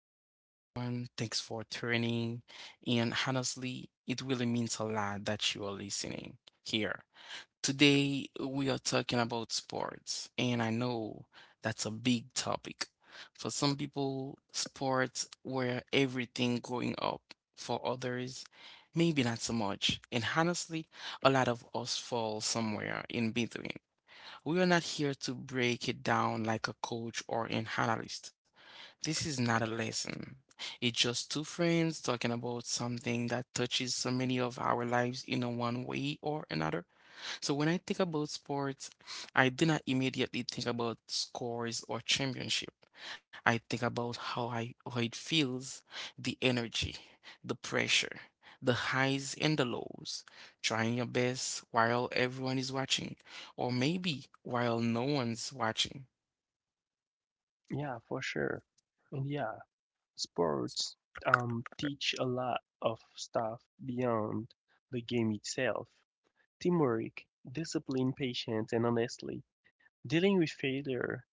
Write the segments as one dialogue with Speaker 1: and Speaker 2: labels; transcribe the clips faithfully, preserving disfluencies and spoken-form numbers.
Speaker 1: welcome everyone. Thanks for tuning in. Honestly, it really means a lot that you are listening here. Today, we are talking about sports, and I know that's a big topic. For some people, sports were everything growing up. For others, maybe not so much. And honestly, a lot of us fall somewhere in between. We are not here to break it down like a coach or an analyst. This is not a lesson. It's just two friends talking about something that touches so many of our lives in a one way or another. So when I think about sports, I did not immediately think about scores or championship. I think about how I how it feels, the energy, the pressure, the highs and the lows, trying your best while everyone is watching, or maybe while no one's watching.
Speaker 2: Yeah, for sure. And yeah, sports um teach a lot of stuff beyond the game itself. Teamwork, discipline, patience, and honestly, dealing with failure,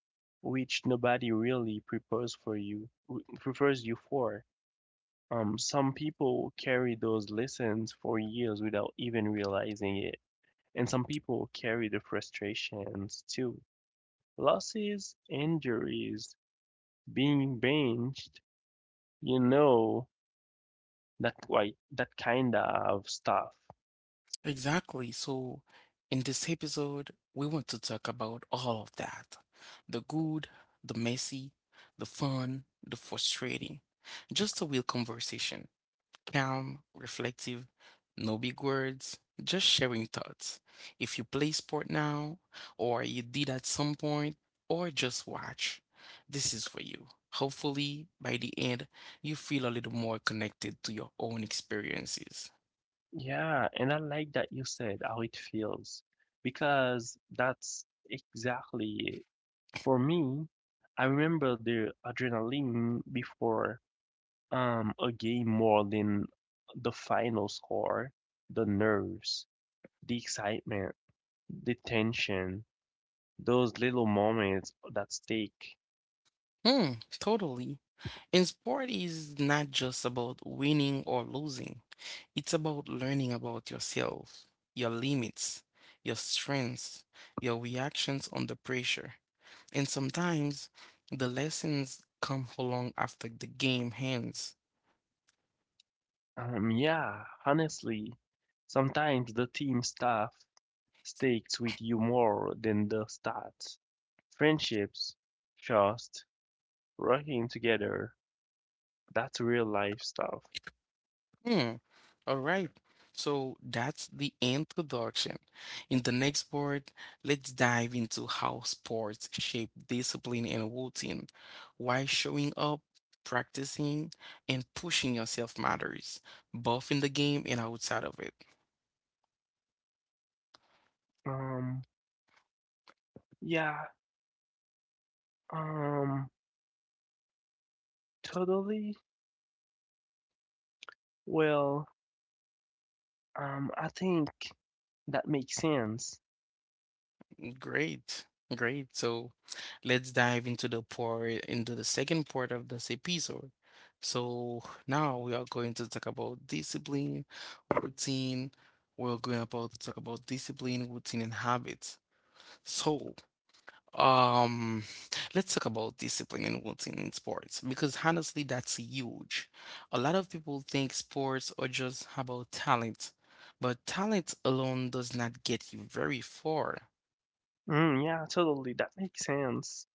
Speaker 2: which nobody really prepares for you w- prepares you for. Um, some people carry those lessons for years without even realizing it, and some people carry the frustrations too. Losses, injuries, being benched, you know that, like, that kind of stuff.
Speaker 1: Exactly. So, in this episode, we want to talk about all of that. The good, the messy, the fun, the frustrating. Just a real conversation. Calm, reflective, no big words, just sharing thoughts. If you play sport now, or you did at some point, or just watch, this is for you. Hopefully, by the end, you feel a little more connected to your own experiences.
Speaker 2: Yeah, and I like that you said how it feels because that's exactly it. For me, I remember the adrenaline before um a game more than the final score, the nerves, the excitement, the tension, those little moments that stick.
Speaker 1: Hmm, totally. In sport is not just about winning or losing. It's about learning about yourself, your limits, your strengths, your reactions under pressure. And sometimes the lessons come along after the game ends.
Speaker 2: Um yeah, honestly, sometimes the team stuff sticks with you more than the stats. Friendships, trust, working together, that's real life stuff.
Speaker 1: Hmm. All right. So that's the introduction. In the next part, let's dive into how sports shape discipline and routine, why showing up, practicing, and pushing yourself matters, both in the game and outside of it.
Speaker 2: Um, yeah, um, totally. Well, um, I think that makes sense.
Speaker 1: Great. Great. So let's dive into the part into the second part of this episode. So now we are going to talk about discipline, routine. We're going about to talk about discipline, routine, and habits. So um, let's talk about discipline and routine in sports because honestly, that's huge. A lot of people think sports are just about talent, but talent alone does not get you very far.
Speaker 2: Mm, yeah, totally. That makes sense.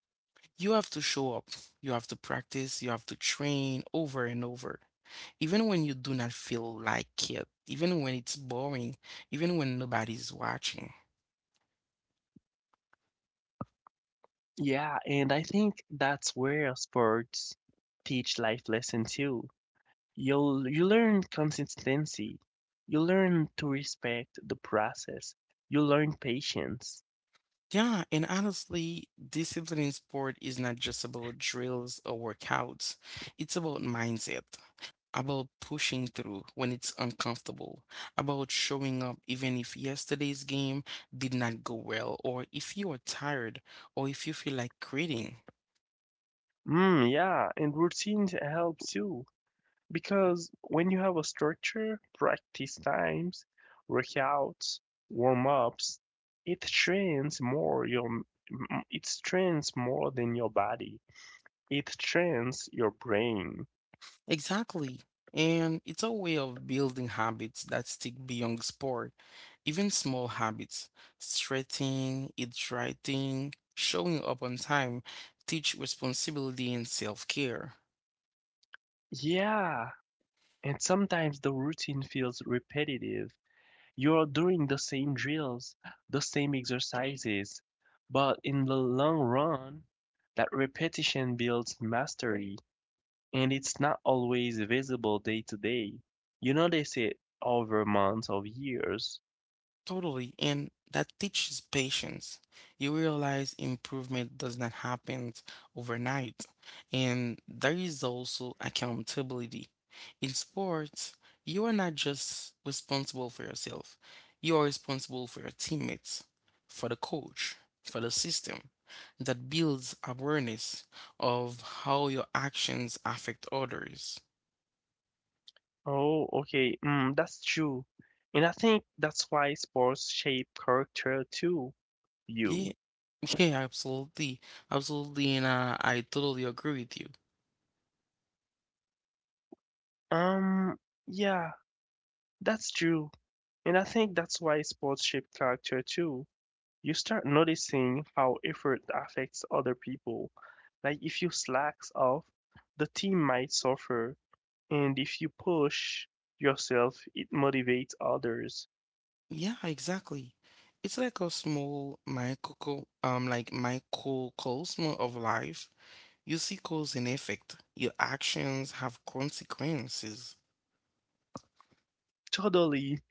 Speaker 1: You have to show up. You have to practice. You have to train over and over. Even when you do not feel like it, even when it's boring, even when nobody's watching.
Speaker 2: Yeah, and I think that's where sports teach life lesson too. You'll you learn consistency. You learn to respect the process. You learn patience.
Speaker 1: Yeah, and honestly, discipline in sport is not just about drills or workouts. It's about mindset, about pushing through when it's uncomfortable, about showing up even if yesterday's game did not go well, or if you are tired, or if you feel like quitting.
Speaker 2: Mm, yeah, and routine helps you because when you have a structure, practice times, workouts, warm-ups, it trains more your m- it trains more than your body. It trains your brain.
Speaker 1: Exactly. And it's a way of building habits that stick beyond sport. Even small habits, stretching, eat writing, showing up on time, teach responsibility and self-care.
Speaker 2: Yeah, and sometimes the routine feels repetitive. You are doing the same drills, the same exercises, but in the long run, that repetition builds mastery, and it's not always visible day to day. You notice it over months or years.
Speaker 1: Totally, and that teaches patience. You realize improvement does not happen overnight, and there is also accountability. In sports, you are not just responsible for yourself, you are responsible for your teammates, for the coach, for the system. That builds awareness of how your actions affect others.
Speaker 2: Oh, okay, mm, that's true. And I think that's why sports shape character too, you.
Speaker 1: Yeah, yeah, absolutely, absolutely, and uh, I totally agree with you.
Speaker 2: Um, yeah, that's true. And I think that's why sports shape character too. You start noticing how effort affects other people. Like if you slacks off, the team might suffer, and if you push yourself, it motivates others.
Speaker 1: Yeah, exactly. It's like a small micro, um, like microcosm of life. You see cause and effect. Your actions have consequences.
Speaker 2: Totally,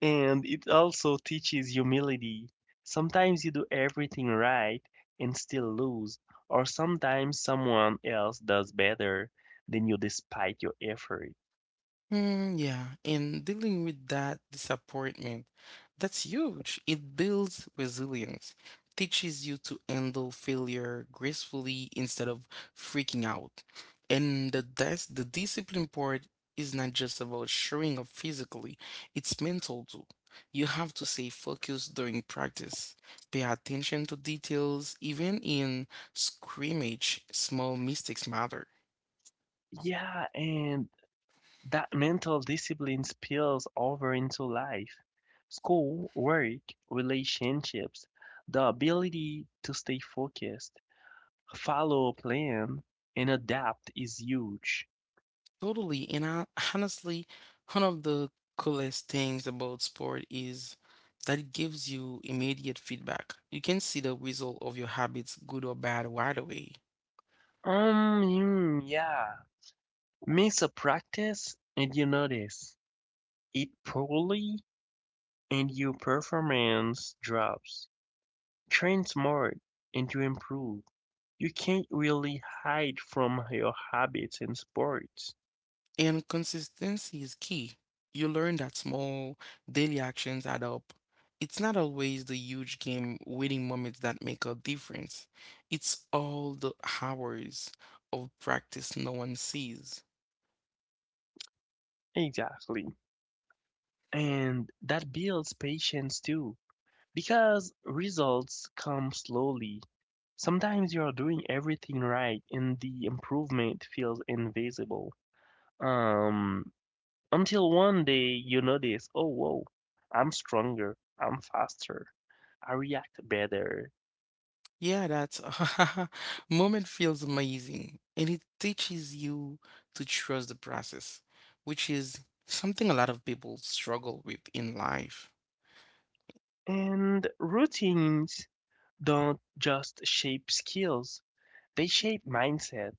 Speaker 2: and it also teaches humility. Sometimes you do everything right and still lose, or sometimes someone else does better than you despite your effort.
Speaker 1: Mm, yeah, and dealing with that disappointment, that's huge. It builds resilience, teaches you to handle failure gracefully instead of freaking out. And the dis the discipline part is not just about showing up physically, it's mental too. You have to stay focused during practice, pay attention to details, even in scrimmage, small mistakes matter.
Speaker 2: Yeah, and That mental discipline spills over into life. School, work, relationships, the ability to stay focused, follow a plan, and adapt is huge.
Speaker 1: Totally. And I honestly, one of the coolest things about sport is that it gives you immediate feedback. You can see the result of your habits, good or bad, right away.
Speaker 2: Um, mm, yeah. Miss a practice and you notice it poorly and your performance drops. Train smart and you improve. You can't really hide from your habits in sports.
Speaker 1: And consistency is key. You learn that small daily actions add up. It's not always the huge game winning moments that make a difference. It's all the hours of practice no one sees.
Speaker 2: Exactly. and that builds patience too because results come slowly. Sometimes you are doing everything right and the improvement feels invisible. Um, until one day you notice, oh, whoa, I'm stronger, I'm faster, I react better.
Speaker 1: Yeah, that moment feels amazing and it teaches you to trust the process, which is something a lot of people struggle with in life.
Speaker 2: And routines don't just shape skills, they shape mindset.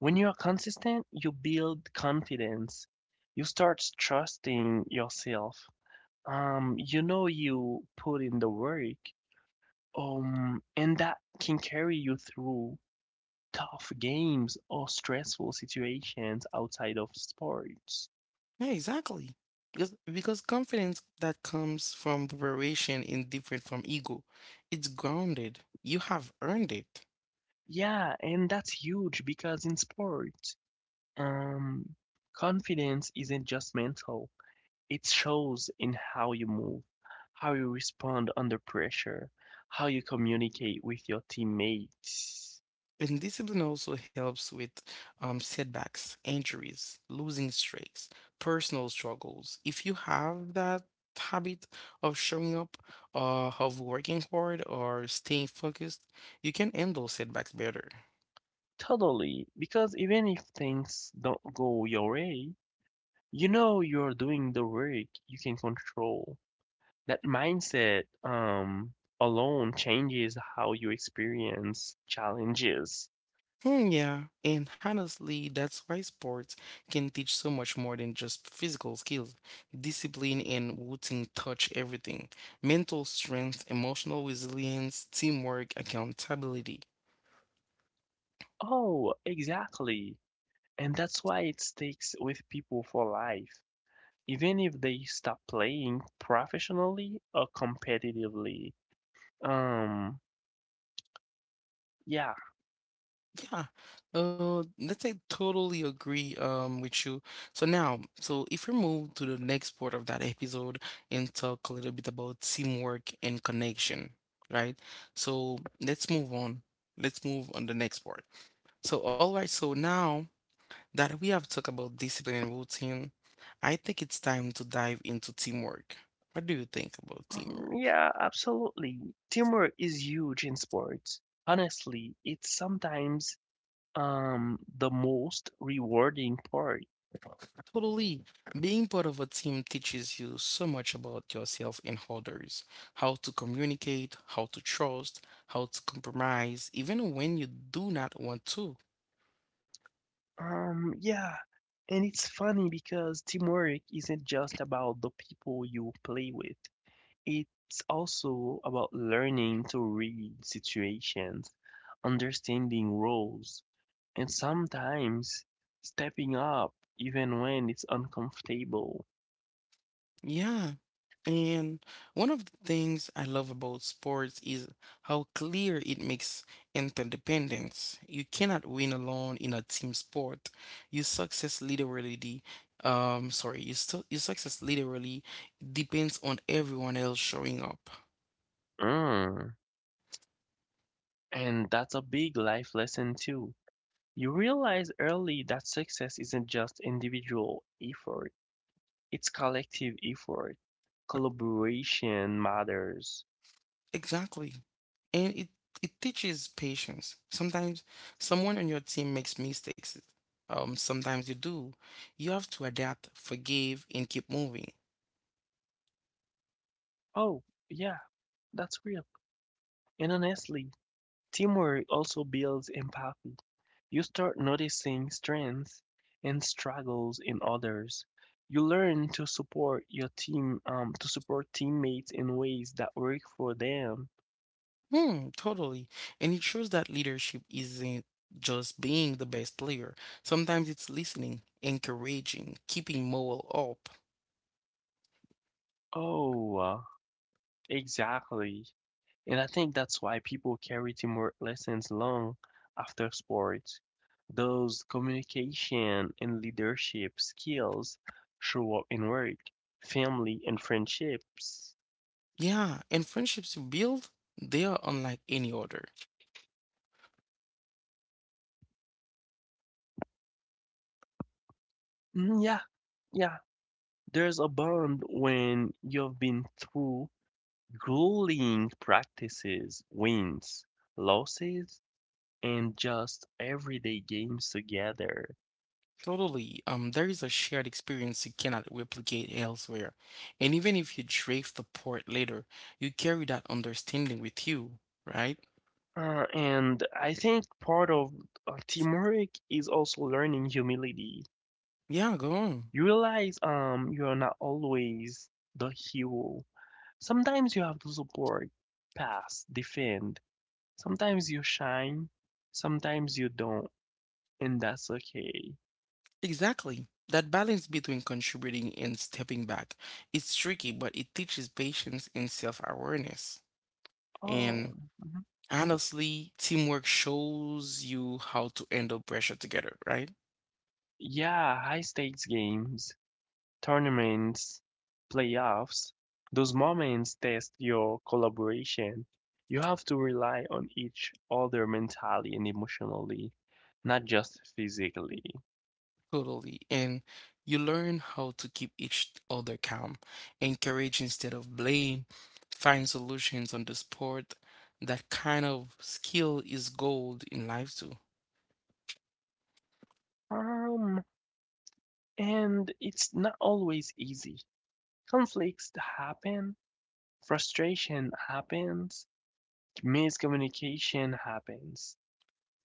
Speaker 2: When you are consistent, you build confidence. You start trusting yourself. Um, you know you put in the work. Um, and that can carry you through tough games or stressful situations outside of sports.
Speaker 1: Yeah, exactly. Because, because confidence that comes from preparation is different from ego. It's grounded. You have earned it.
Speaker 2: Yeah, and that's huge because in sports, um, confidence isn't just mental. It shows in how you move, how you respond under pressure, how you communicate with your teammates.
Speaker 1: And discipline also helps with um, setbacks, injuries, losing streaks, personal struggles. If you have that habit of showing up, uh, of working hard, or staying focused, you can handle setbacks better.
Speaker 2: Totally, because even if things don't go your way, you know you're doing the work you can control. That mindset um alone changes how you experience challenges.
Speaker 1: Hmm, yeah, and honestly, that's why sports can teach so much more than just physical skills. Discipline and routine touch everything. Mental strength, emotional resilience, teamwork, accountability.
Speaker 2: Oh, exactly. And that's why it sticks with people for life. even if they stop playing professionally or competitively. Um, yeah.
Speaker 1: Yeah, uh, let's say totally agree um with you. So now, so if we move to the next part of that episode and talk a little bit about teamwork and connection, right? So let's move on. Let's move on the next part. So, all right, so now that we have talked about discipline and routine, I think it's time to dive into teamwork. What do you think about teamwork?
Speaker 2: Mm, yeah, absolutely. Teamwork is huge in sports. Honestly, it's sometimes um the most rewarding part.
Speaker 1: Totally. Being part of a team teaches you so much about yourself and others, how to communicate, how to trust, how to compromise, even when you do not want to.
Speaker 2: Um, yeah, and it's funny because teamwork isn't just about the people you play with. It's also about learning to read situations, understanding roles and sometimes stepping up even when it's uncomfortable.
Speaker 1: Yeah. And one of the things I love about sports is how clear it makes interdependence. You cannot win alone in a team sport. Your success literally, um, sorry, your, su- your success literally depends on everyone else showing up.
Speaker 2: Mm. And that's a big life lesson too. You realize early that success isn't just individual effort, it's collective effort. Collaboration matters.
Speaker 1: Exactly. And it, it teaches patience. Sometimes someone on your team makes mistakes. Um, sometimes you do. You have to adapt, forgive, and keep moving.
Speaker 2: Oh, yeah, that's real. And honestly, Teamwork also builds empathy. You start noticing strengths and struggles in others. You learn to support your team, um, to support teammates in ways that work for them.
Speaker 1: Hmm, totally. And it shows that leadership isn't just being the best player. Sometimes it's listening, encouraging, keeping morale up.
Speaker 2: Oh, uh, exactly. And I think that's why people carry teamwork lessons long after sports. Those communication and leadership skills show up in work, family, and friendships.
Speaker 1: Yeah, and friendships you build, they are unlike any other.
Speaker 2: Mm, yeah, yeah. There's a bond when you've been through grueling practices, wins, losses, and just everyday games together.
Speaker 1: Totally. Um, there is a shared experience you cannot replicate elsewhere. And even if you drift apart later, you carry that understanding with you, right?
Speaker 2: Uh, and I think part of uh, teamwork is also learning humility.
Speaker 1: Yeah, go on.
Speaker 2: You realize um you are not always the hero. Sometimes you have to support, pass, defend. Sometimes you shine, sometimes you don't, and that's okay.
Speaker 1: Exactly. That balance between contributing and stepping back is tricky, but it teaches patience and self-awareness. And
Speaker 2: Oh.
Speaker 1: honestly, teamwork shows you how to handle pressure together, right?
Speaker 2: Yeah, high-stakes games, tournaments, playoffs, those moments test your collaboration. You have to rely on each other mentally and emotionally, not just physically.
Speaker 1: Totally. And you learn how to keep each other calm, encourage instead of blame, find solutions on the spot. That kind of skill is gold in life too.
Speaker 2: Um, and it's not always easy. Conflicts happen, frustration happens, miscommunication happens.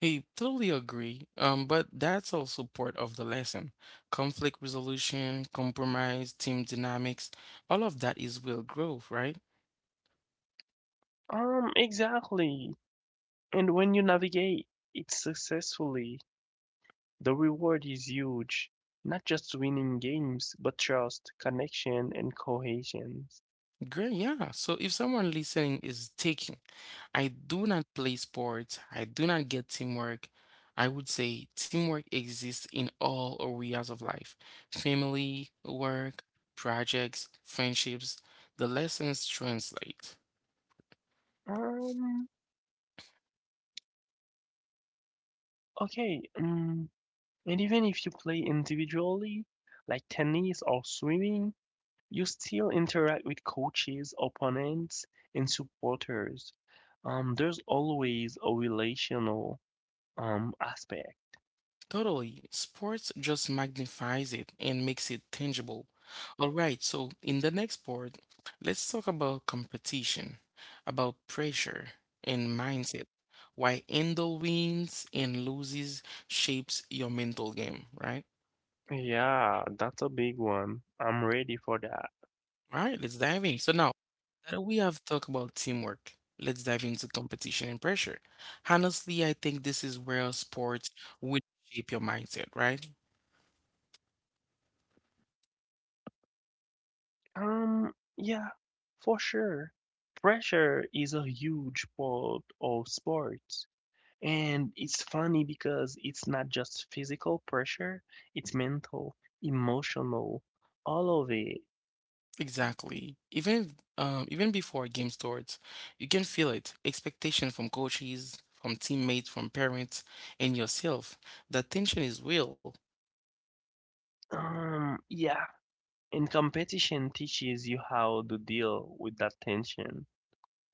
Speaker 1: I totally agree, um, but that's also part of the lesson. Conflict resolution, compromise, team dynamics, all of that is will growth, right?
Speaker 2: Um, exactly. And when you navigate it successfully, The reward is huge, not just winning games, but trust, connection, and cohesion.
Speaker 1: Great, yeah. So if someone listening is taking, I do not play sports, I do not get teamwork, I would say teamwork exists in all areas of life, family, work, projects, friendships, the lessons translate.
Speaker 2: Um, okay, um, and even if you play individually, like tennis or swimming, you still interact with coaches, opponents, and supporters. Um, there's always a relational um aspect.
Speaker 1: Totally. Sports just magnifies it and makes it tangible. All right, so in the next part, let's talk about competition, about pressure and mindset, why handle wins and loses shapes your mental game, right?
Speaker 2: Yeah, that's a big one. I'm ready for that.
Speaker 1: All right, let's dive in. So now that we have talked about teamwork, let's dive into competition and pressure. Honestly, I think this is where sports will shape your mindset, right?
Speaker 2: Um, yeah, for sure. Pressure is a huge part of sports. And it's funny because it's not just physical pressure, it's mental, emotional, all of it.
Speaker 1: Exactly. Even if, um, Even before a game starts, you can feel it. Expectation from coaches, from teammates, from parents, and yourself. The tension is real.
Speaker 2: Um, yeah, and competition teaches you how to deal with that tension.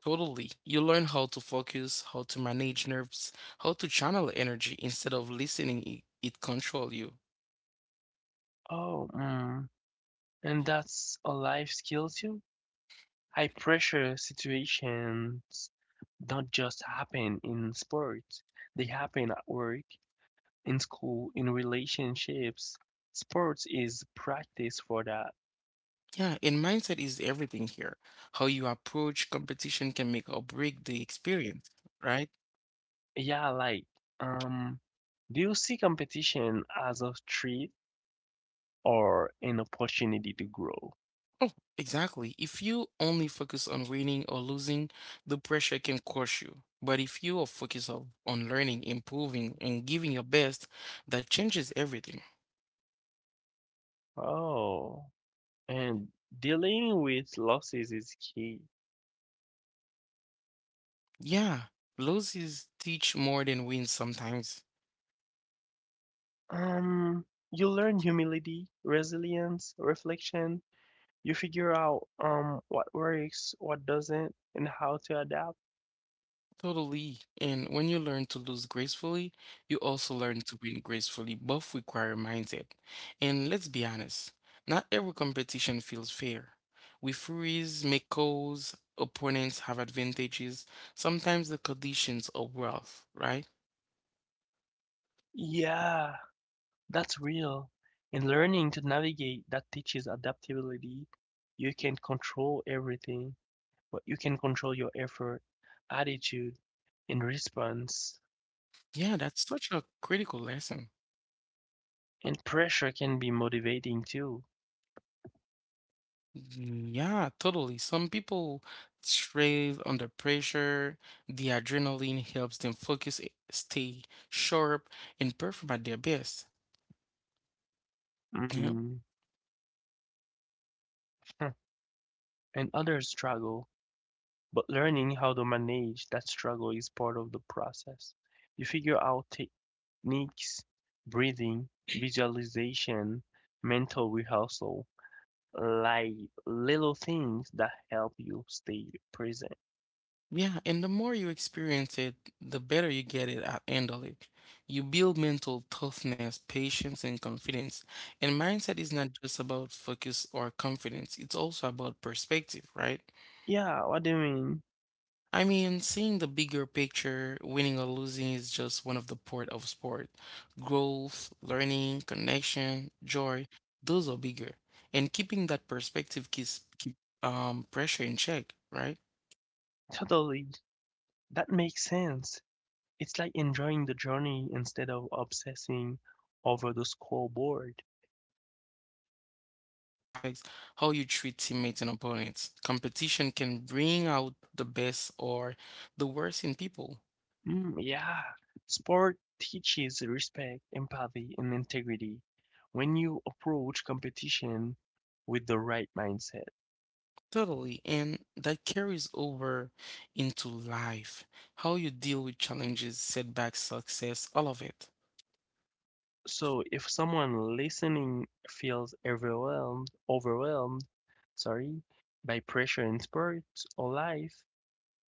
Speaker 1: Totally. You learn how to focus, how to manage nerves, how to channel energy instead of listening i- it control you.
Speaker 2: Oh, mm, and that's a life skill too. High pressure situations don't just happen in sports. They happen at work in school, in relationships, sports is practice for that.
Speaker 1: Yeah, and mindset is everything here. How you approach competition can make or break the experience, right?
Speaker 2: Yeah, like, um, do you see competition as a treat or an opportunity to grow?
Speaker 1: Oh, exactly. If you only focus on winning or losing, the pressure can crush you. But if you are focused on on learning, improving, and giving your best, that changes everything.
Speaker 2: Oh, and dealing with losses is key.
Speaker 1: Yeah, losses teach more than wins sometimes.
Speaker 2: Um, you learn humility, resilience, reflection. You figure out um what works, what doesn't, and how to adapt.
Speaker 1: Totally. And when you learn to lose gracefully, you also learn to win gracefully. Both require mindset. And let's be honest, not every competition feels fair. Referees make calls, opponents have advantages, sometimes the conditions are rough, right?
Speaker 2: Yeah, That's real. In learning to navigate, that teaches adaptability. You can't control everything, but you can control your effort, attitude, and response.
Speaker 1: Yeah, that's such a critical lesson.
Speaker 2: And pressure can be motivating too.
Speaker 1: Yeah, totally. Some people thrive under pressure. The adrenaline helps them focus, i- stay sharp, and perform at their best. Yeah,
Speaker 2: Mm. And others struggle, but learning how to manage that struggle is part of the process. You figure out techniques, breathing, visualization, mental rehearsal, like little things that help you stay present.
Speaker 1: yeah, and the more you experience it, the better you get it at handle it. You build mental toughness, patience, and confidence. And mindset is not just about focus or confidence, it's also about perspective, right?
Speaker 2: Yeah, what do you mean?
Speaker 1: I mean, seeing the bigger picture, winning or losing is just one of the part of sport. Growth, learning, connection, joy, those are bigger. And keeping that perspective keeps keep um pressure in check, right?
Speaker 2: Totally. That makes sense. It's like enjoying the journey instead of obsessing over the scoreboard.
Speaker 1: Exactly. So, and mindset also affects how you treat teammates and opponents. Competition can bring out the best or the worst in people.
Speaker 2: Mm, yeah. Sport teaches respect, empathy, and integrity when you approach competition with the right mindset.
Speaker 1: Totally. And that carries over into life. How you deal with challenges, setbacks, success, all of it.
Speaker 2: So if someone listening feels overwhelmed, overwhelmed, sorry, by pressure in sports or life,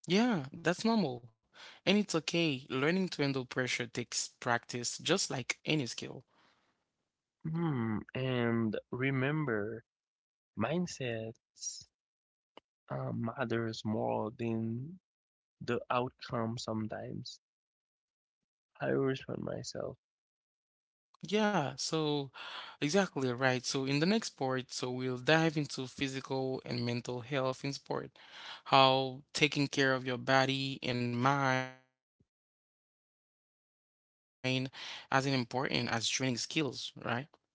Speaker 1: Yeah, that's normal. And it's okay. Learning to handle pressure takes practice, just like any skill.
Speaker 2: hmm, and remember, mindset uh, matters more than the outcome sometimes. I respond myself.
Speaker 1: Yeah, so exactly right. So in the next part, so we'll dive into physical and mental health in sport, how taking care of your body and mind as an important as training skills, right? So,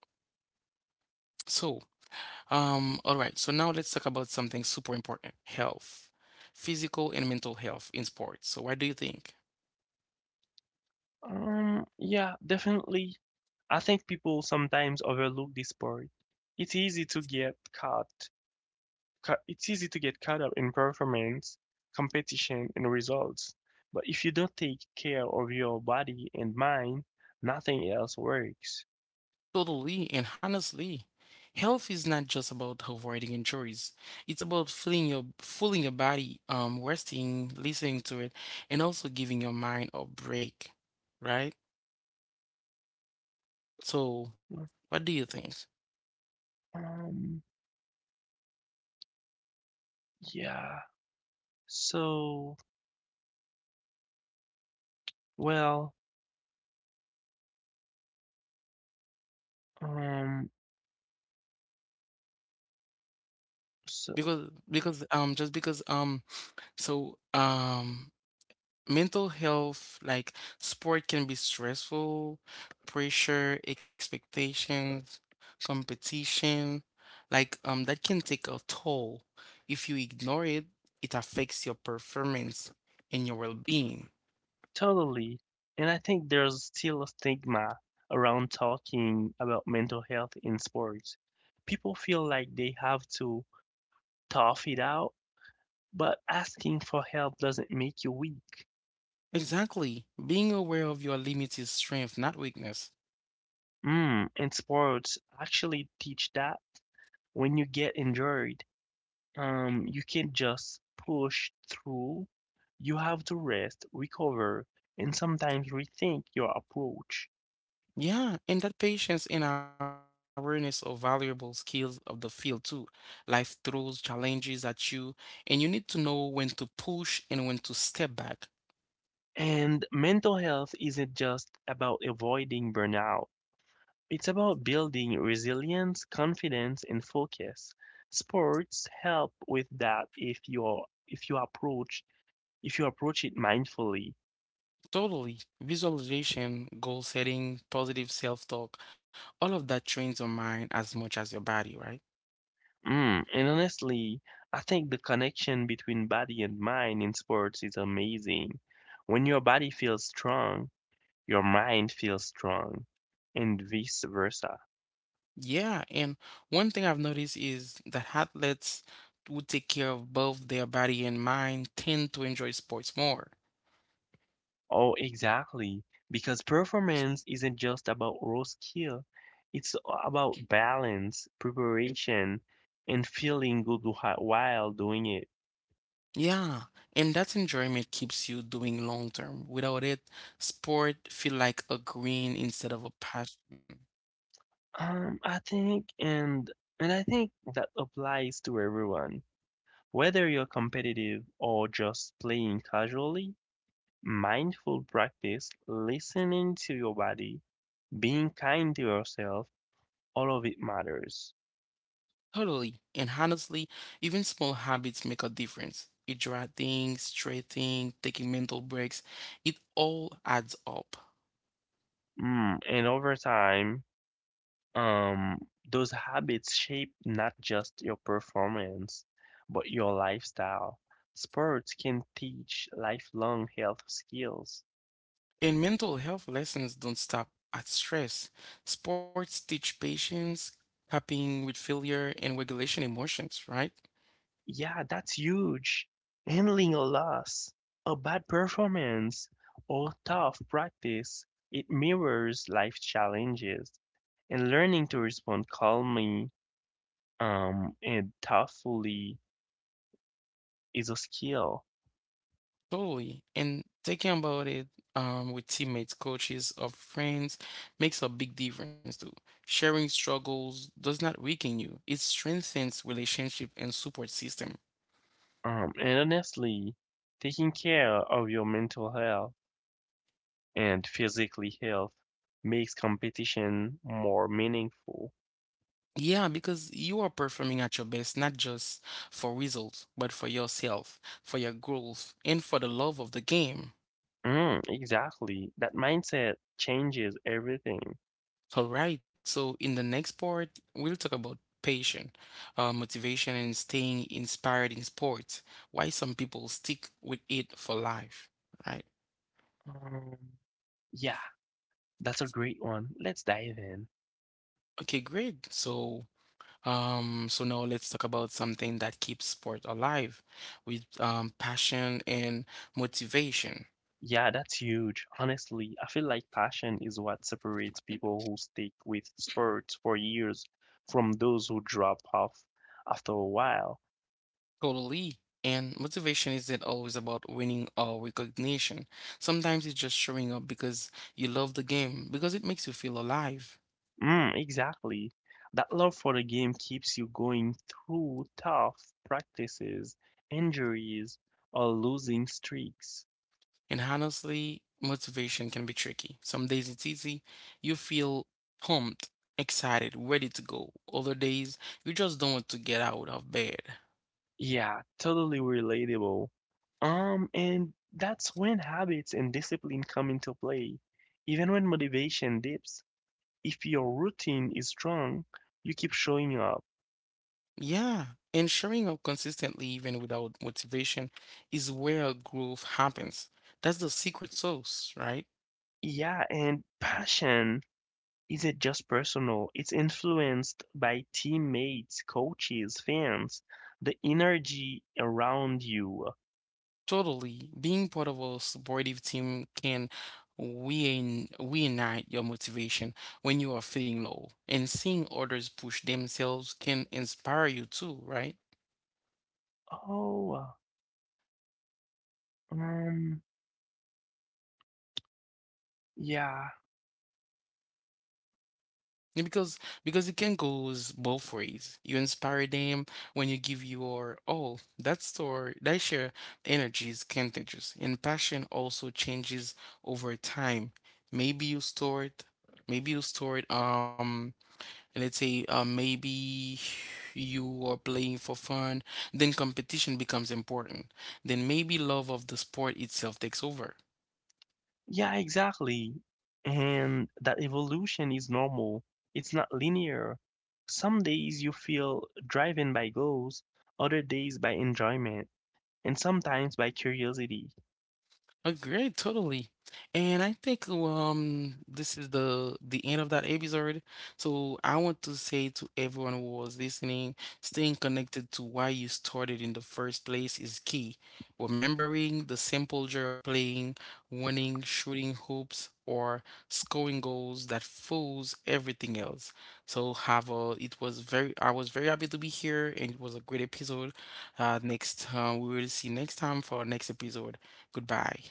Speaker 1: um, all right. So now let's talk about something super important, health, physical and mental health in sports. So what do you think?
Speaker 2: Um, yeah, definitely. I think people sometimes overlook this part. It's easy to get caught it's easy to get caught up in performance, competition, and results. But if you don't take care of your body and mind, nothing else works.
Speaker 1: Totally, and honestly, health is not just about avoiding injuries. It's about feeling your fooling your body, um, resting, listening to it, and also giving your mind a break, right? So, what do you think?
Speaker 2: Um, yeah. So, well, um, so
Speaker 1: Because because um just because um so um mental health, like sport can be stressful, pressure, expectations, competition, like um that can take a toll. If you ignore it, it affects your performance and your well-being.
Speaker 2: totally. And I think there's still a stigma around talking about mental health in sports. People feel like they have to tough it out, but asking for help doesn't make you weak.
Speaker 1: Exactly. Being aware of your limits is strength, not weakness.
Speaker 2: Mm, and sports actually teach that when you get injured, um, you can't just push through. You have to rest, recover, and sometimes rethink your approach.
Speaker 1: Yeah, and that patience and awareness are valuable skills of the field too. Life throws challenges at you, and you need to know when to push and when to step back.
Speaker 2: And mental health isn't just about avoiding burnout. It's about building resilience, confidence, and focus. Sports help with that if you if you approach if you approach it mindfully.
Speaker 1: Totally. Visualization, goal setting, positive self-talk, all of that trains your mind as much as your body, right?
Speaker 2: Mm, and honestly, I think the connection between body and mind in sports is amazing. When your body feels strong, your mind feels strong, and vice versa.
Speaker 1: Yeah, and one thing I've noticed is that athletes who take care of both their body and mind tend to enjoy sports more.
Speaker 2: Oh, exactly. Because performance isn't just about raw skill, it's about balance, preparation, and feeling good whi- while doing it.
Speaker 1: Yeah, and that enjoyment keeps you doing long term. Without it, sport feel like a green instead of a passion.
Speaker 2: Um, I think, and and I think that applies to everyone. Whether you're competitive or just playing casually, mindful practice, listening to your body, being kind to yourself, all of it matters.
Speaker 1: Totally. And honestly, even small habits make a difference. Hydrating, stretching, taking mental breaks, it all adds up.
Speaker 2: Mm, and over time, um, those habits shape not just your performance, but your lifestyle. Sports can teach lifelong health skills.
Speaker 1: And mental health lessons don't stop at stress. Sports teach patience, coping with failure, and regulation emotions, right?
Speaker 2: Yeah, that's huge. Handling a loss, a bad performance, or tough practice, it mirrors life challenges. And learning to respond calmly um, and thoughtfully is a skill.
Speaker 1: Totally. And thinking about it um, with teammates, coaches, or friends makes a big difference too. Sharing struggles does not weaken you, it strengthens relationship and support system.
Speaker 2: Um, and honestly, taking care of your mental health and physically health makes competition more meaningful.
Speaker 1: Yeah, because you are performing at your best, not just for results, but for yourself, for your growth, and for the love of the game.
Speaker 2: Mm, exactly. That mindset changes everything.
Speaker 1: All right, so in the next part, we'll talk about passion, uh, motivation, and staying inspired in sports, why some people stick with it for life. Right.
Speaker 2: Um, yeah, That's a great one. Let's dive in.
Speaker 1: Okay, great. So, um, so now let's talk about something that keeps sport alive with um, passion and motivation.
Speaker 2: Yeah, that's huge. Honestly, I feel like passion is what separates people who stick with sports for years from those who drop off after a while.
Speaker 1: Totally. And motivation isn't always about winning or recognition. Sometimes it's just showing up because you love the game, because it makes you feel alive.
Speaker 2: Mm, exactly. That love for the game keeps you going through tough practices, injuries, or losing streaks.
Speaker 1: And honestly, motivation can be tricky. Some days it's easy, you feel pumped, excited, ready to go. Other days, you just don't want to get out of bed.
Speaker 2: Yeah, totally relatable. Um, and that's when habits and discipline come into play. Even when motivation dips, if your routine is strong, you keep showing up.
Speaker 1: Yeah. And showing up consistently, even without motivation, is where growth happens. That's the secret sauce, right?
Speaker 2: Yeah, and passion isn't just personal, it's influenced by teammates, coaches, fans, the energy around you.
Speaker 1: Totally. Being part of a supportive team can wean reignite your motivation when you are feeling low. And seeing others push themselves can inspire you too, right?
Speaker 2: Oh, um, yeah.
Speaker 1: And Because because it can goes both ways. You inspire them when you give your all. That store that share energy is contagious. And passion also changes over time. Maybe you store it, maybe you store it um and let's say uh, maybe you are playing for fun, then competition becomes important. Then maybe love of the sport itself takes over.
Speaker 2: Yeah, exactly. And that evolution is normal. It's not linear. Some days you feel driven by goals, other days by enjoyment, and sometimes by curiosity.
Speaker 1: Agreed, totally. And I think um this is the the end of that episode. So I want to say to everyone who was listening, staying connected to why you started in the first place is key. Remembering the simple joy of playing, winning, shooting hoops, or scoring goals that fools everything else. So have a it was very I was very happy to be here and it was a great episode. Uh next uh, we will see next time for our next episode. Goodbye.